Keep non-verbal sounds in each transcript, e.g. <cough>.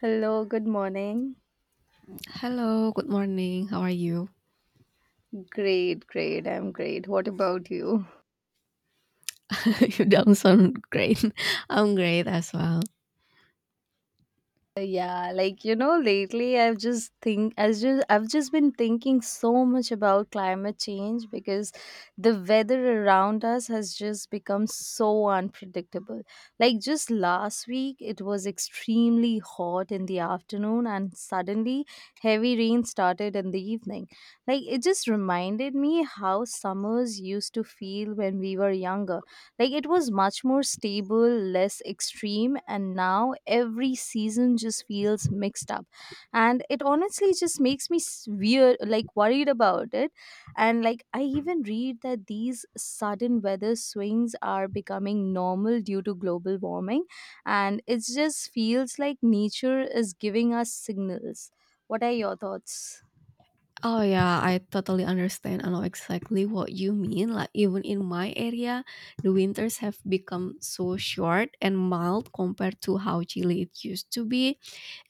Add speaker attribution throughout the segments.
Speaker 1: Hello, good morning.
Speaker 2: Hello, good morning. How are you?
Speaker 1: Great, great. I'm great. What about you?
Speaker 2: <laughs> You don't sound great. <laughs> I'm great as well.
Speaker 1: Yeah, like you know, lately I've just think as just I've just been thinking so much about climate change because the weather around us has just become so unpredictable. Like just last week it was extremely hot in the afternoon and suddenly heavy rain started in the evening. Like it just reminded me how summers used to feel when we were younger. Like it was much more stable, less extreme, and now every season just feels mixed up. And it honestly just makes me weird, like worried about it. And like I even read that these sudden weather swings are becoming normal due to global warming. And it just feels like nature is giving us signals. What are your thoughts?
Speaker 2: Oh yeah, I totally understand. I know exactly what you mean. Like even in my area, the winters have become so short and mild compared to how chilly it used to be.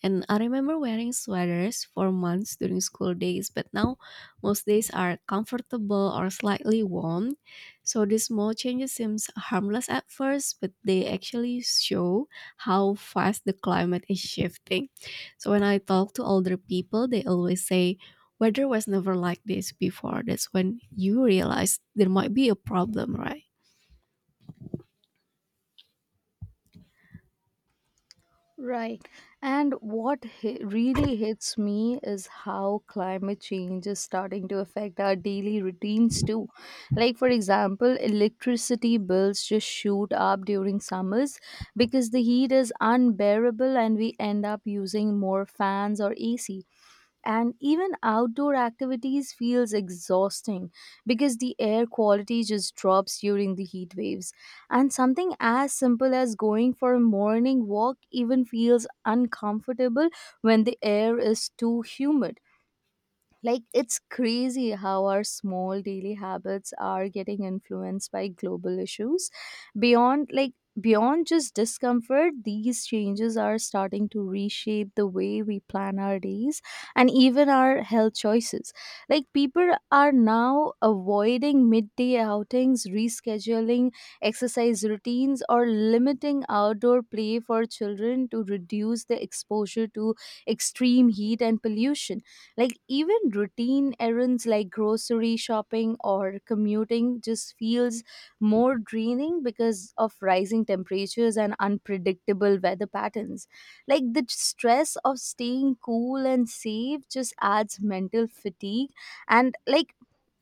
Speaker 2: And I remember wearing sweaters for months during school days, but now most days are comfortable or slightly warm. So these small changes seems harmless at first, but they actually show how fast the climate is shifting. So when I talk to older people, they always say weather was never like this before. That's when you realize there might be a problem, right?
Speaker 1: Right. And what really hits me is how climate change is starting to affect our daily routines too. Like, for example, electricity bills just shoot up during summers because the heat is unbearable and we end up using more fans or AC, and even outdoor activities feels exhausting because the air quality just drops during the heat waves, and something as simple as going for a morning walk even feels uncomfortable when the air is too humid. Like, it's crazy how our small daily habits are getting influenced by global issues. Beyond, like, beyond just discomfort, these changes are starting to reshape the way we plan our days and even our health choices. Like, people are now avoiding midday outings, rescheduling exercise routines, or limiting outdoor play for children to reduce the exposure to extreme heat and pollution. Like even routine errands like grocery shopping or commuting just feels more draining because of rising temperatures and unpredictable weather patterns. Like the stress of staying cool and safe just adds mental fatigue. And like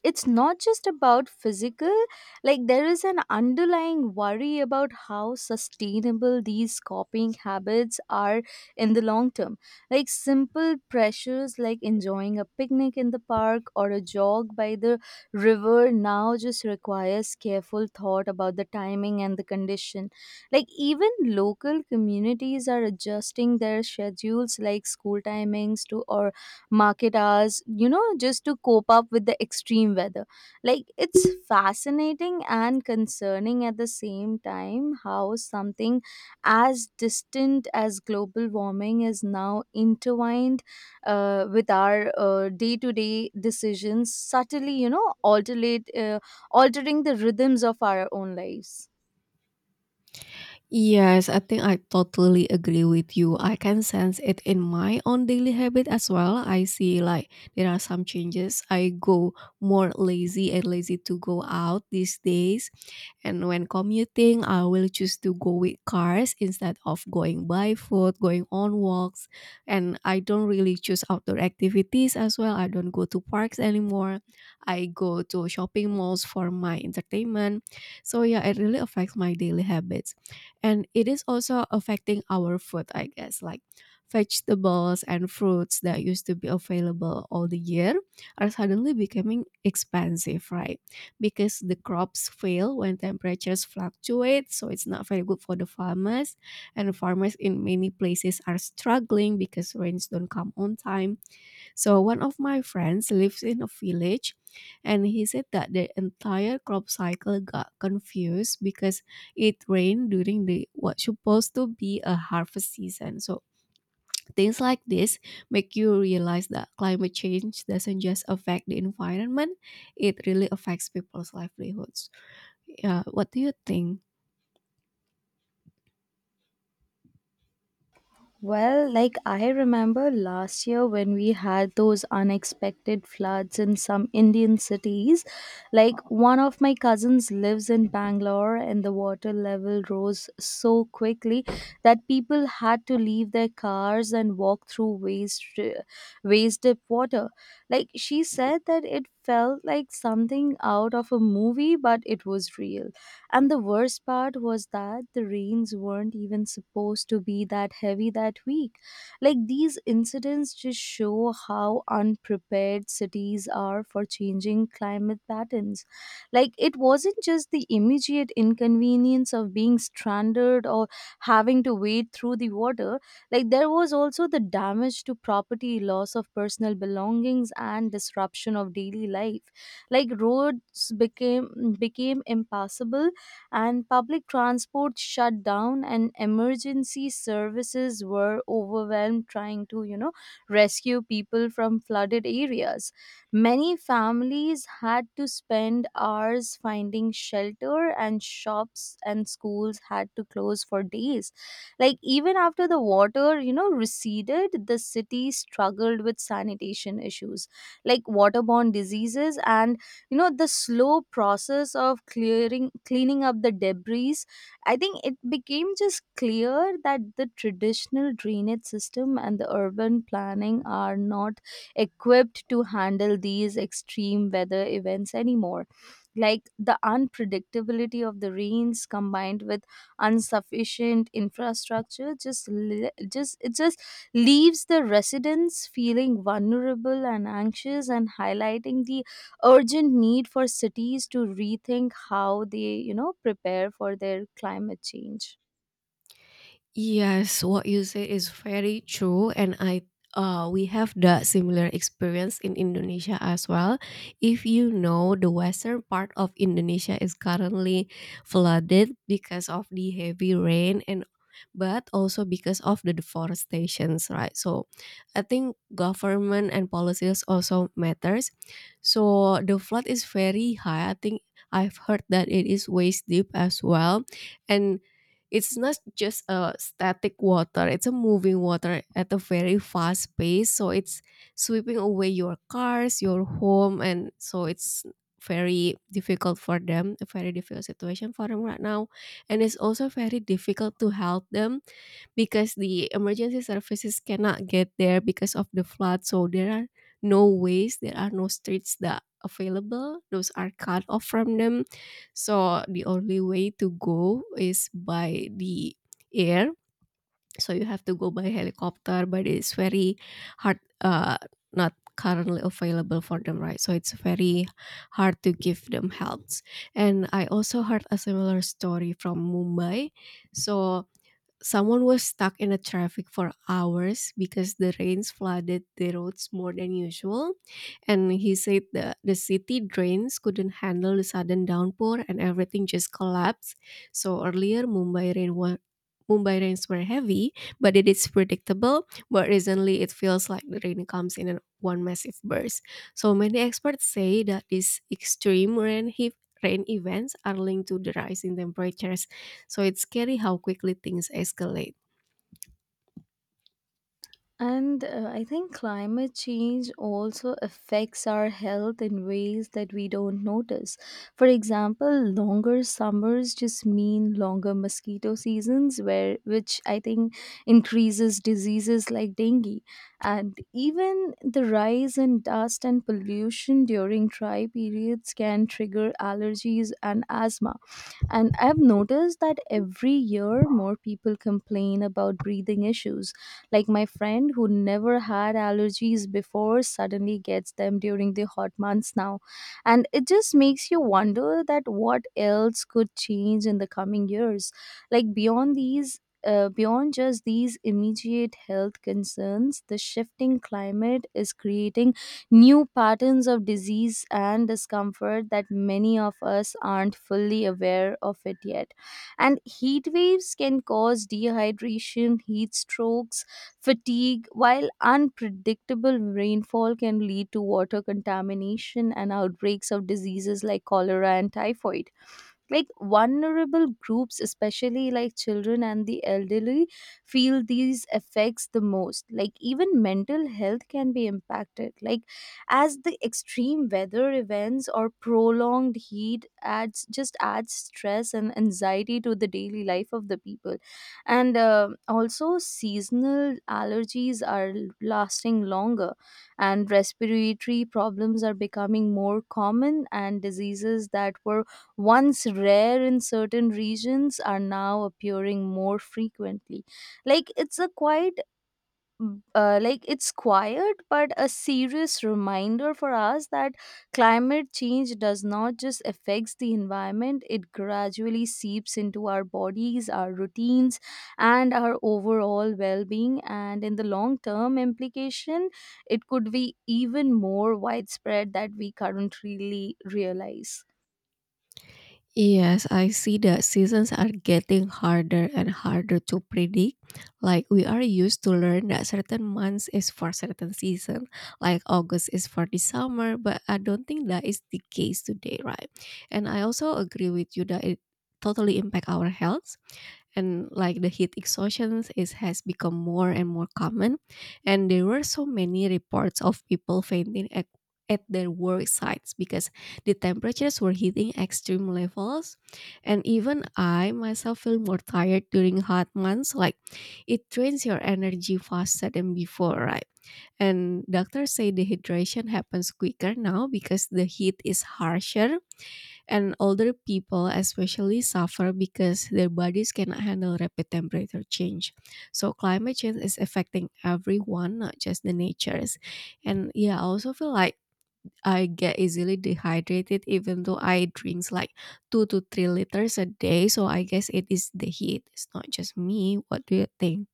Speaker 1: it's not just about physical, like there is an underlying worry about how sustainable these copying habits are in the long term. Like simple pressures like enjoying a picnic in the park or a jog by the river now just requires careful thought about the timing and the condition. Like even local communities are adjusting their schedules like school timings to or market hours, you know, just to cope up with the extreme weather. Like it's fascinating and concerning at the same time how something as distant as global warming is now intertwined with our day-to-day decisions subtly, you know, alternate, altering the rhythms of our own lives.
Speaker 2: Yes, I think I totally agree with you. I can sense it in my own daily habit as well. I see like there are some changes. I go more lazy and lazy to go out these days. And when commuting, I will choose to go with cars instead of going by foot, going on walks. And I don't really choose outdoor activities as well. I don't go to parks anymore. I go to shopping malls for my entertainment. So yeah, it really affects my daily habits. And it is also affecting our food, I guess, like vegetables and fruits that used to be available all the year are suddenly becoming expensive, right? Because the crops fail when temperatures fluctuate, so it's not very good for the farmers, and farmers in many places are struggling because rains don't come on time. So one of my friends lives in a village, and he said that the entire crop cycle got confused because it rained during the what's supposed to be a harvest season. So things like this make you realize that climate change doesn't just affect the environment, it really affects people's livelihoods. Yeah, what do you think?
Speaker 1: Well, like I remember last year when we had those unexpected floods in some Indian cities. Like one of my cousins lives in Bangalore and the water level rose so quickly that people had to leave their cars and walk through waist deep water. Like she said that it felt like something out of a movie but it was real. And the worst part was that the rains weren't even supposed to be that heavy that week. Like these incidents just show how unprepared cities are for changing climate patterns. Like it wasn't just the immediate inconvenience of being stranded or having to wade through the water, like there was also the damage to property, loss of personal belongings and disruption of daily life. Like roads became impassable and public transport shut down and emergency services were overwhelmed trying to, you know, rescue people from flooded areas. Many families had to spend hours finding shelter and shops and schools had to close for days. Like even after the water, you know, receded, the city struggled with sanitation issues like waterborne diseases and, you know, the slow process of clearing cleaning up the debris. I think it became just clear that the traditional drainage system and the urban planning are not equipped to handle these extreme weather events anymore. Like the unpredictability of the rains combined with insufficient infrastructure just li- just it just leaves the residents feeling vulnerable and anxious and highlighting the urgent need for cities to rethink how they, you know, prepare for their climate change.
Speaker 2: Yes, what you say is very true, and I we have the similar experience in Indonesia as well. If you know, the western part of Indonesia is currently flooded because of the heavy rain, and but also because of the deforestations, right? So I think government and policies also matters. So the flood is very high, I think I've heard that it is waist deep as well. And it's not just a static water, it's a moving water at a very fast pace. So it's sweeping away your cars, your home, and so it's very difficult for them, a very difficult situation for them right now. And it's also very difficult to help them because the emergency services cannot get there because of the flood. So there are no ways, there are no streets that available. Those are cut off from them. So the only way to go is by the air. So you have to go by helicopter, but it's very hard. Not currently available for them, right? So it's very hard to give them helps. And I also heard a similar story from Mumbai. So someone was stuck in a traffic for hours because the rains flooded the roads more than usual. And he said the city drains couldn't handle the sudden downpour and everything just collapsed. So earlier, Mumbai rains were heavy, but it is predictable. But recently, it feels like the rain comes in one massive burst. So many experts say that these rain events are linked to the rise in temperatures, so it's scary how quickly things escalate.
Speaker 1: And I think climate change also affects our health in ways that we don't notice. For example, longer summers just mean longer mosquito seasons, where which I think increases diseases like dengue, and even the rise in dust and pollution during dry periods can trigger allergies and asthma. And I've noticed that every year more people complain about breathing issues like my friend who never had allergies before suddenly gets them during the hot months now. And it just makes you wonder that what else could change in the coming years. Like beyond just these immediate health concerns, the shifting climate is creating new patterns of disease and discomfort that many of us aren't fully aware of it yet. And heat waves can cause dehydration, heat strokes, fatigue, while unpredictable rainfall can lead to water contamination and outbreaks of diseases like cholera and typhoid. Like vulnerable groups especially like children and the elderly feel these effects the most. Like even mental health can be impacted, like as the extreme weather events or prolonged heat adds stress and anxiety to the daily life of the people. And also seasonal allergies are lasting longer and respiratory problems are becoming more common and diseases that were once rare in certain regions are now appearing more frequently. Like it's a quite like it's quiet but a serious reminder for us that climate change does not just affects the environment, it gradually seeps into our bodies, our routines, and our overall well-being, and in the long term implication it could be even more widespread that we currently realize.
Speaker 2: Yes, I see that seasons are getting harder and harder to predict. Like we are used to learn that certain months is for certain season, like August is for the summer, but I don't think that is the case today, right? And I also agree with you that it totally impact our health, and like the heat exhaustion is has become more and more common, and there were so many reports of people fainting at their work sites because the temperatures were hitting extreme levels. And even I myself feel more tired during hot months, like it drains your energy faster than before, right? And doctors say dehydration happens quicker now because the heat is harsher, and older people especially suffer because their bodies cannot handle rapid temperature change. So climate change is affecting everyone, not just the natures. And yeah, I also feel like I get easily dehydrated even though I drinks like 2 to 3 liters a day. So I guess it is the heat. It's not just me. What do you think?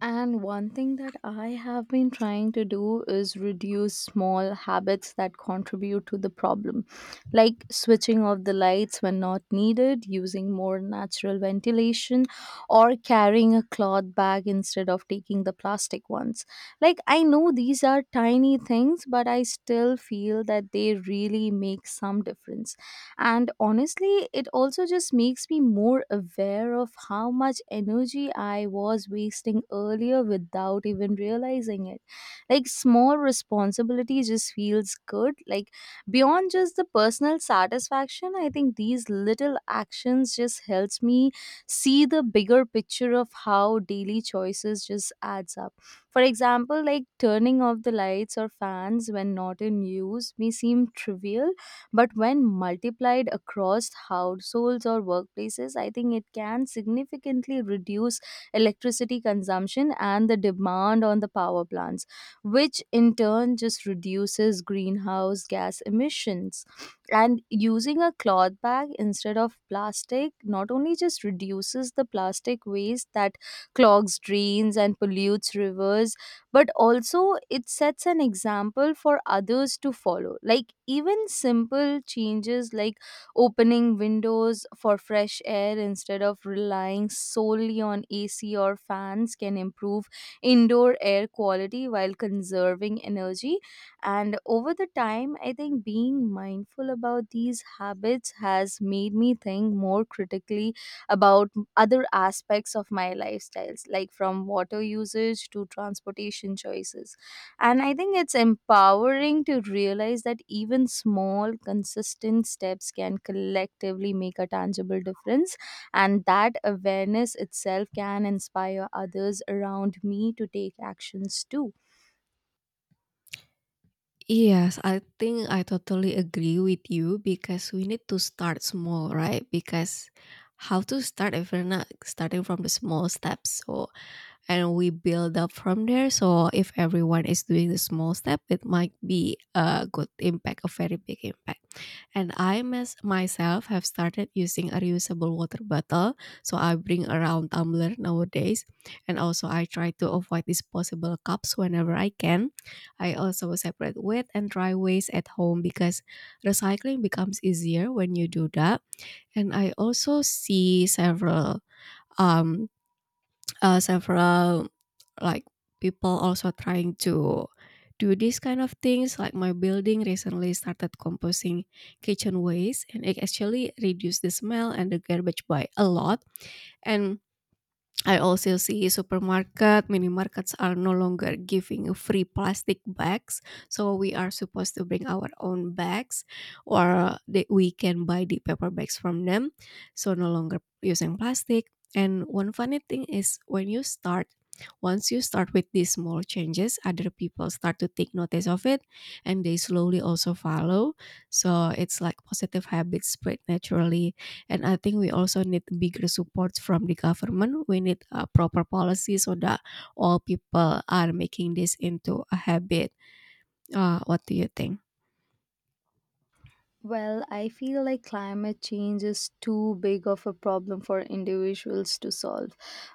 Speaker 1: And one thing that I have been trying to do is reduce small habits that contribute to the problem, like switching off the lights when not needed, using more natural ventilation, or carrying a cloth bag instead of taking the plastic ones. Like, I know these are tiny things, but I still feel that they really make some difference. And honestly, it also just makes me more aware of how much energy I was wasting earlier without even realizing it. Like, small responsibility just feels good. Like, beyond just the personal satisfaction, I think these little actions just helps me see the bigger picture of how daily choices just adds up. For example, like turning off the lights or fans when not in use may seem trivial but when multiplied across households or workplaces, I think it can significantly reduce electricity consumption and the demand on the power plants, which in turn just reduces greenhouse gas emissions. And using a cloth bag instead of plastic not only just reduces the plastic waste that clogs drains and pollutes rivers but also it sets an example for others to follow. Like even simple changes like opening windows for fresh air instead of relying solely on AC or fans can improve indoor air quality while conserving energy. And over the time, I think being mindful about these habits has made me think more critically about other aspects of my lifestyles like from water usage to transportation choices, and I think it's empowering to realize that even small consistent steps can collectively make a tangible difference and that awareness itself can inspire others around me to take actions too.
Speaker 2: Yes, I think I totally agree with you because we need to start small, right? Because how to start if we're not starting from the small steps? So and we build up from there. So if everyone is doing the small step, it might be a good impact, a very big impact. And myself have started using a reusable water bottle, so I bring around tumbler nowadays. And also I try to avoid disposable cups whenever I can. I also separate wet and dry waste at home because recycling becomes easier when you do that. And I also see several um several like people also trying to do this kind of things, like my building recently started composting kitchen waste, and it actually reduced the smell and the garbage by a lot. And I also see supermarket, minimarkets are no longer giving free plastic bags, so we are supposed to bring our own bags, or that we can buy the paper bags from them. So no longer using plastic. And one funny thing is when you start, once you start with these small changes, other people start to take notice of it, and they slowly also follow. So it's like positive habits spread naturally. And I think we also need bigger support from the government. We need a proper policy so that all people are making this into a habit. What do you think?
Speaker 1: Well, I feel like climate change is too big of a problem for individuals to solve.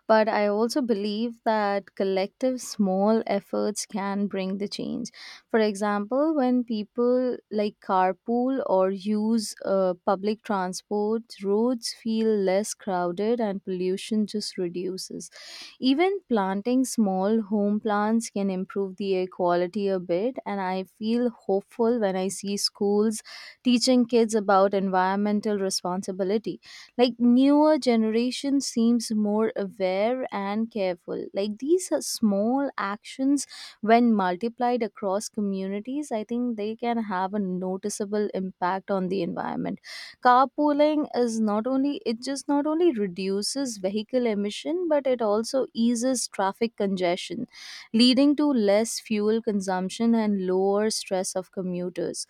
Speaker 1: But I also believe that collective small efforts can bring the change. For example, when people like carpool or use public transport, roads feel less crowded and pollution just reduces. Even planting small home plants can improve the air quality a bit, and I feel hopeful when I see schools teaching kids about environmental responsibility. Like newer generation seems more aware and careful. Like these are small actions when multiplied across communities, I think they can have a noticeable impact on the environment. Carpooling is not only it just not only reduces vehicle emission, but it also eases traffic congestion, leading to less fuel consumption and lower stress of commuters.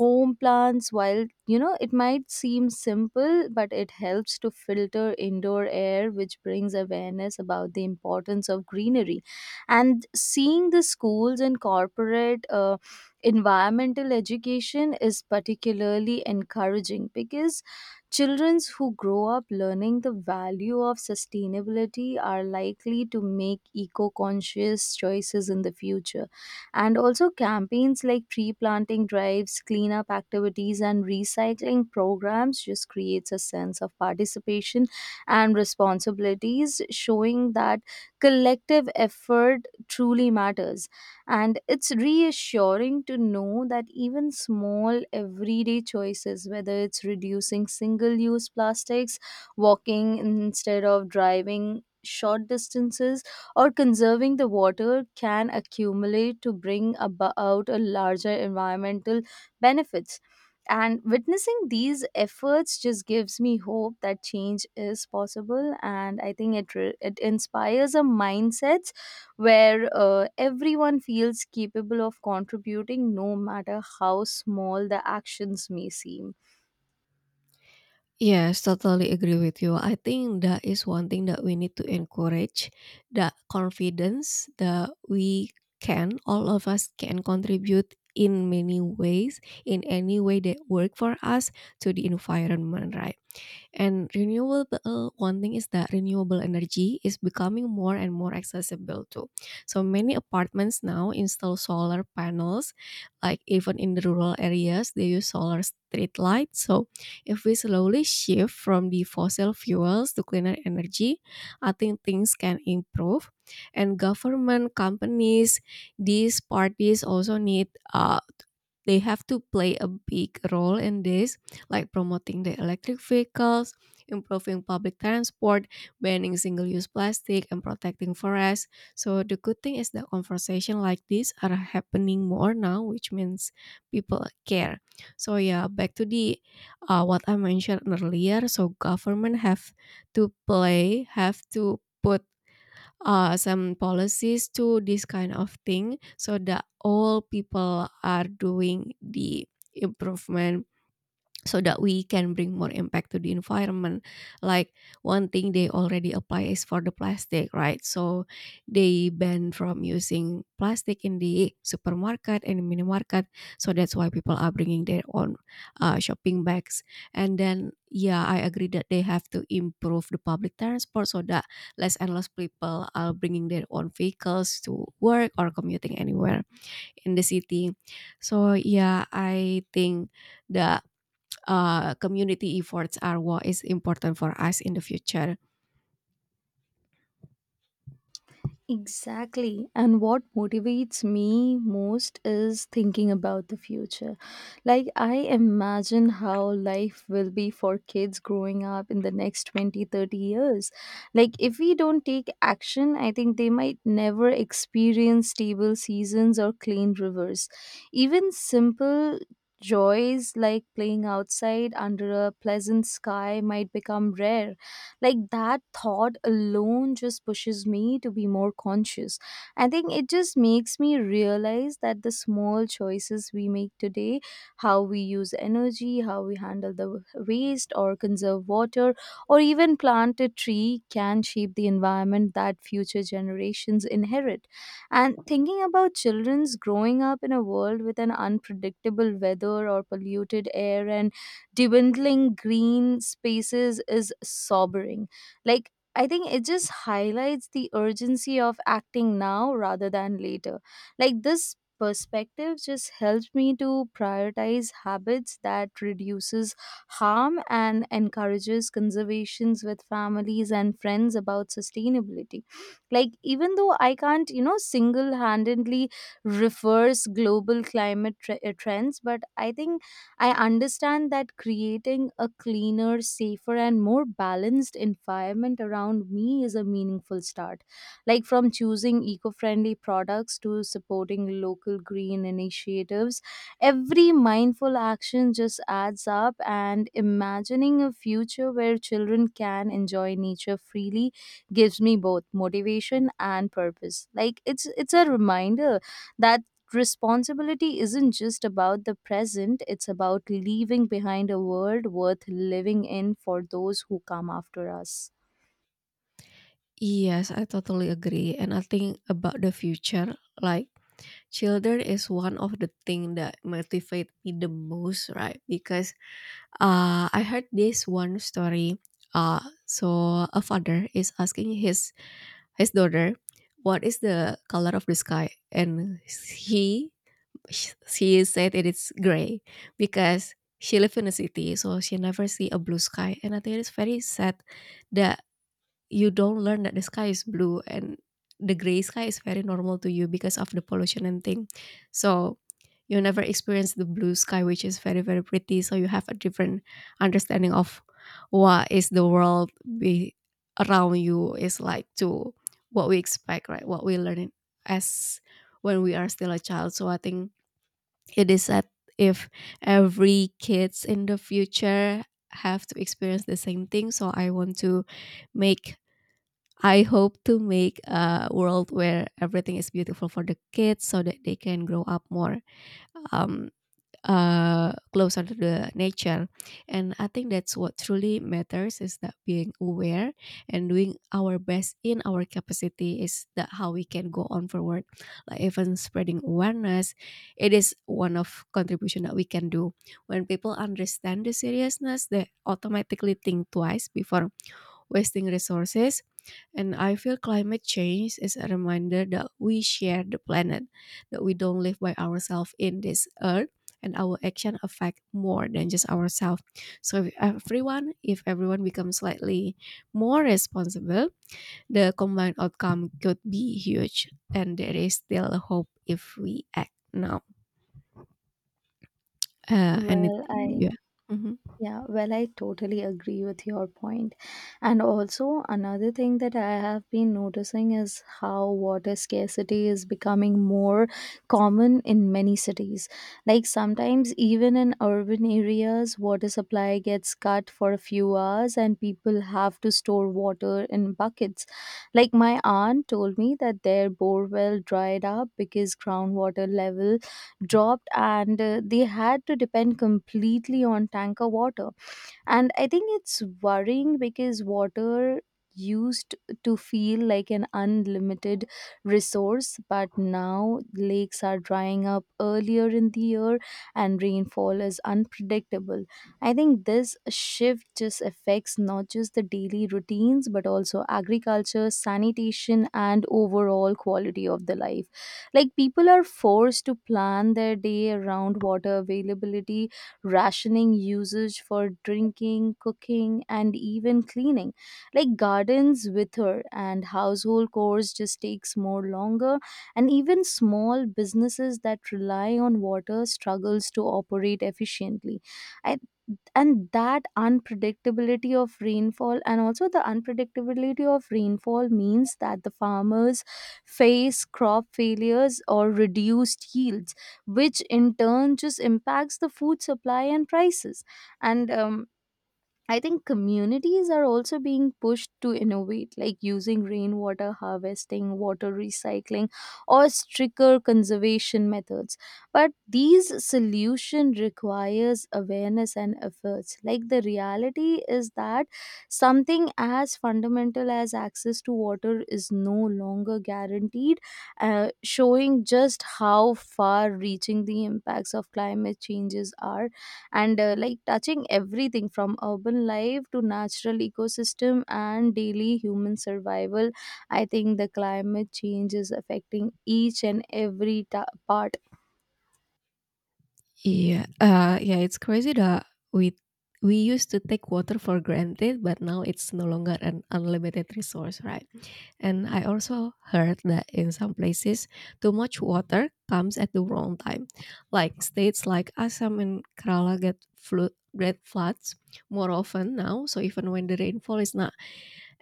Speaker 1: Home plants, while it might seem simple, but it helps to filter indoor air, which brings awareness about the importance of greenery. And seeing the schools and corporate environmental education is particularly encouraging, because children who grow up learning the value of sustainability are likely to make eco-conscious choices in the future. And also, campaigns like tree planting drives, cleanup activities, and recycling programs just creates a sense of participation and responsibilities, showing that collective effort truly matters. And it's reassuring to know that even small everyday choices, whether it's reducing single use plastics, walking instead of driving short distances, or conserving the water, can accumulate to bring about a larger environmental benefits. And witnessing these efforts just gives me hope that change is possible, and I think it inspires a mindset where everyone feels capable of contributing, no matter how small the actions may seem.
Speaker 2: Yes, totally agree with you. I think that is one thing that we need to encourage, that confidence that we can, all of us can contribute in many ways, in any way that work for us, to the environment, right? And one thing is that renewable energy is becoming more and more accessible too. So many apartments now install solar panels, like even in the rural areas, they use solar street lights. So if we slowly shift from the fossil fuels to cleaner energy, I think things can improve. And government, companies, these parties also need uh, they have to play a big role in this, like promoting the electric vehicles, improving public transport, banning single-use plastic, and protecting forests. So the good thing is that conversation like this are happening more now, which means people care. So yeah, back to the what I mentioned earlier. So government have to play, have to put some policies to this kind of thing so that all people are doing the improvement, so that we can bring more impact to the environment. Like one thing they already apply is for the plastic, right? So they ban from using plastic in the supermarket and mini market, so that's why people are bringing their own shopping bags. And then yeah, I agree that they have to improve the public transport so that less and less people are bringing their own vehicles to work or commuting anywhere in the city. So yeah, I think that community efforts are what is important for us in the future.
Speaker 1: Exactly. And what motivates me most is thinking about the future. Like, I imagine how life will be for kids growing up in the next 20, 30 years. Like, if we don't take action, I think they might never experience stable seasons or clean rivers. Even simple joys like playing outside under a pleasant sky might become rare. Like, that thought alone just pushes me to be more conscious. I think it just makes me realize that the small choices we make today, how we use energy, how we handle the waste or conserve water, or even plant a tree, can shape the environment that future generations inherit. And thinking about children's growing up in a world with an unpredictable weather or polluted air and dwindling green spaces is sobering. Like, I think it just highlights the urgency of acting now rather than later. Like, this perspective just helps me to prioritize habits that reduces harm and encourages conservations with families and friends about sustainability. Like, even though I can't single-handedly reverse global climate trends, but I think I understand that creating a cleaner, safer, and more balanced environment around me is a meaningful start. Like, from choosing eco friendly products to supporting local green initiatives, every mindful action just adds up. And imagining a future where children can enjoy nature freely gives me both motivation and purpose. Like, it's a reminder that responsibility isn't just about the present, it's about leaving behind a world worth living in for those who come after us.
Speaker 2: Yes, I totally agree. And I think about the future, like children is one of the thing that motivate me the most, right? Because I heard this one story. Uh, so a father is asking his daughter, "What is the color of the sky?" And he she said it is gray because she lives in a city, so she never see a blue sky. And I think it's very sad that you don't learn that the sky is blue, and the gray sky is very normal to you because of the pollution and thing. So you never experience the blue sky, which is very very pretty, so you have a different understanding of what is the world be around you is like to what we expect, right, what we learn as when we are still a child. So I think it is that if every kids in the future have to experience the same thing, so I want to make I hope to make a world where everything is beautiful for the kids so that they can grow up more um, closer to the nature. And I think that's what truly matters is that being aware and doing our best in our capacity is that how we can go on forward. Like even spreading awareness, it is one of contribution that we can do. When people understand the seriousness, they automatically think twice before wasting resources, and I feel climate change is a reminder that we share the planet, that we don't live by ourselves in this earth, and our action affect more than just ourselves. So if everyone becomes slightly more responsible, the combined outcome could be huge. And there is still hope if we act now.
Speaker 1: Well,
Speaker 2: Anything,
Speaker 1: I.
Speaker 2: yeah. Mhm.
Speaker 1: Yeah, well, I totally agree with your point. And also, another thing that I have been noticing is how water scarcity is becoming more common in many cities. Like, sometimes, even in urban areas, water supply gets cut for a few hours and people have to store water in buckets. Like, my aunt told me that their borewell dried up because groundwater level dropped, and they had to depend completely on tanker water. And I think it's worrying because water used to feel like an unlimited resource, but now lakes are drying up earlier in the year and rainfall is unpredictable. I think this shift just affects not just the daily routines, but also agriculture, sanitation, and overall quality of the life. Like, people are forced to plan their day around water availability, rationing usage for drinking, cooking, and even cleaning. Like, gardens wither and household chores just takes more longer, and even small businesses that rely on water struggles to operate efficiently. I and that unpredictability of rainfall, and also the unpredictability of rainfall means that the farmers face crop failures or reduced yields, which in turn just impacts the food supply and prices. And I think communities are also being pushed to innovate, like using rainwater harvesting, water recycling, or stricter conservation methods. But these solution requires awareness and efforts. Like, the reality is that something as fundamental as access to water is no longer guaranteed, showing just how far-reaching the impacts of climate changes are. And like, touching everything from urban life to natural ecosystem and daily human survival, I think the climate change is affecting each and every part.
Speaker 2: Yeah, yeah, it's crazy that we we used to take water for granted, but now it's no longer an unlimited resource, right? And I also heard that in some places, too much water comes at the wrong time, like states like Assam and Kerala get floods more often now. So even when the rainfall is not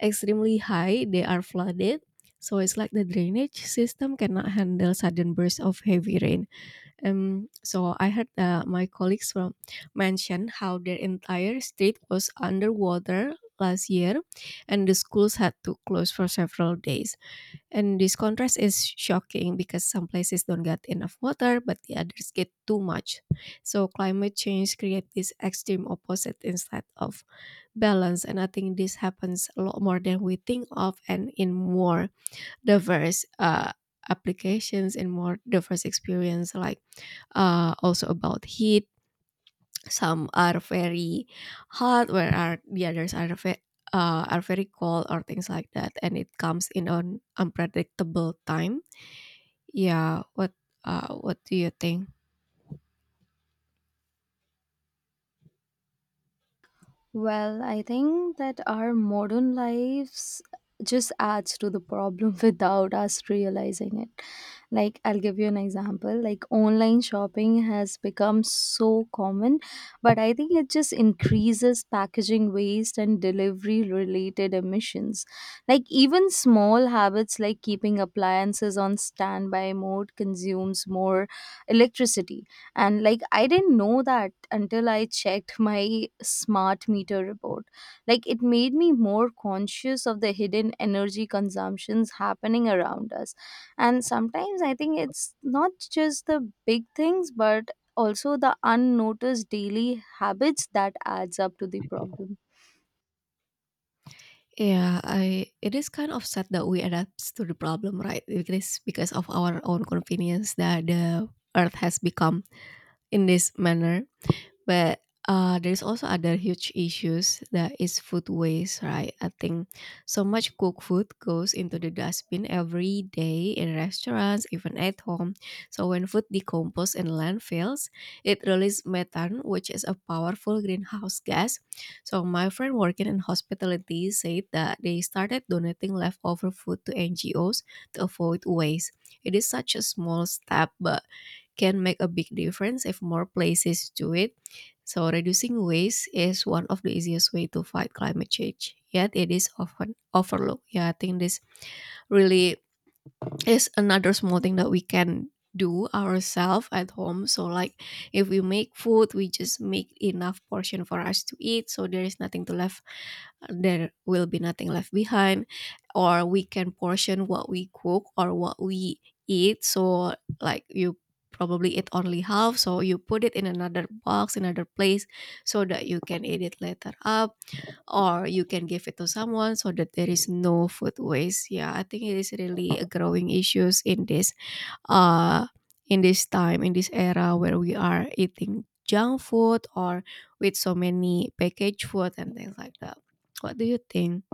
Speaker 2: extremely high, they are flooded. So it's like the drainage system cannot handle sudden bursts of heavy rain. So I heard my colleagues from mention how their entire state was underwater last year, and the schools had to close for several days. And this contrast is shocking because some places don't get enough water, but the others get too much. So climate change creates this extreme opposite instead of balance, and I think this happens a lot more than we think of, and in more diverse applications and more diverse experience, like also about heat, some are very hot where are the others are are very cold or things like that, and it comes in an unpredictable time. Yeah, what do you think?
Speaker 1: Well, I think that our modern lives just adds to the problem <laughs> without us realizing it. Like, I'll give you an example. Like, online shopping has become so common, but I think it just increases packaging waste and delivery related emissions. Like, even small habits like keeping appliances on standby mode consumes more electricity. And like, I didn't know that until I checked my smart meter report. Like, it made me more conscious of the hidden energy consumptions happening around us. And sometimes I think it's not just the big things, but also the unnoticed daily habits that adds up to the problem.
Speaker 2: Yeah, I it is kind of sad that we adapt to the problem, right? It is because of our own convenience that the earth has become in this manner. But there's also other huge issues, that is food waste, right? I think so much cooked food goes into the dustbin every day in restaurants, even at home. So when food decomposes in landfills, it releases methane, which is a powerful greenhouse gas. So my friend working in hospitality said that they started donating leftover food to NGOs to avoid waste. It is such a small step, but can make a big difference if more places do it. So, reducing waste is one of the easiest way to fight climate change. Yet, it is often overlooked. Yeah, I think this really is another small thing that we can do ourselves at home, so like if we make food, we just make enough portion for us to eat so there is nothing to left, there will be nothing left behind. Or we can portion what we cook or what we eat, so like you probably eat only half, so you put it in another box, another place, so that you can eat it later up, or you can give it to someone so that there is no food waste. Yeah, I think it is really a growing issues uh in this time, in this era where we are eating junk food or with so many packaged food and things like that. What do you think?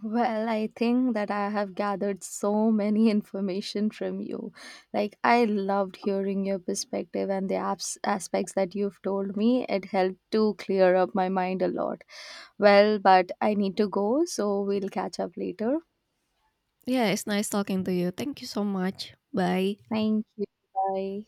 Speaker 1: Well, I think that I have gathered so many <laughs> information from you. Like, I loved hearing your perspective and the aspects that you've told me. It helped to clear up my mind a lot. Well, but I need to go, so we'll catch up later.
Speaker 2: Yeah, it's nice talking to you. Thank you so much. Bye.
Speaker 1: Thank you. Bye.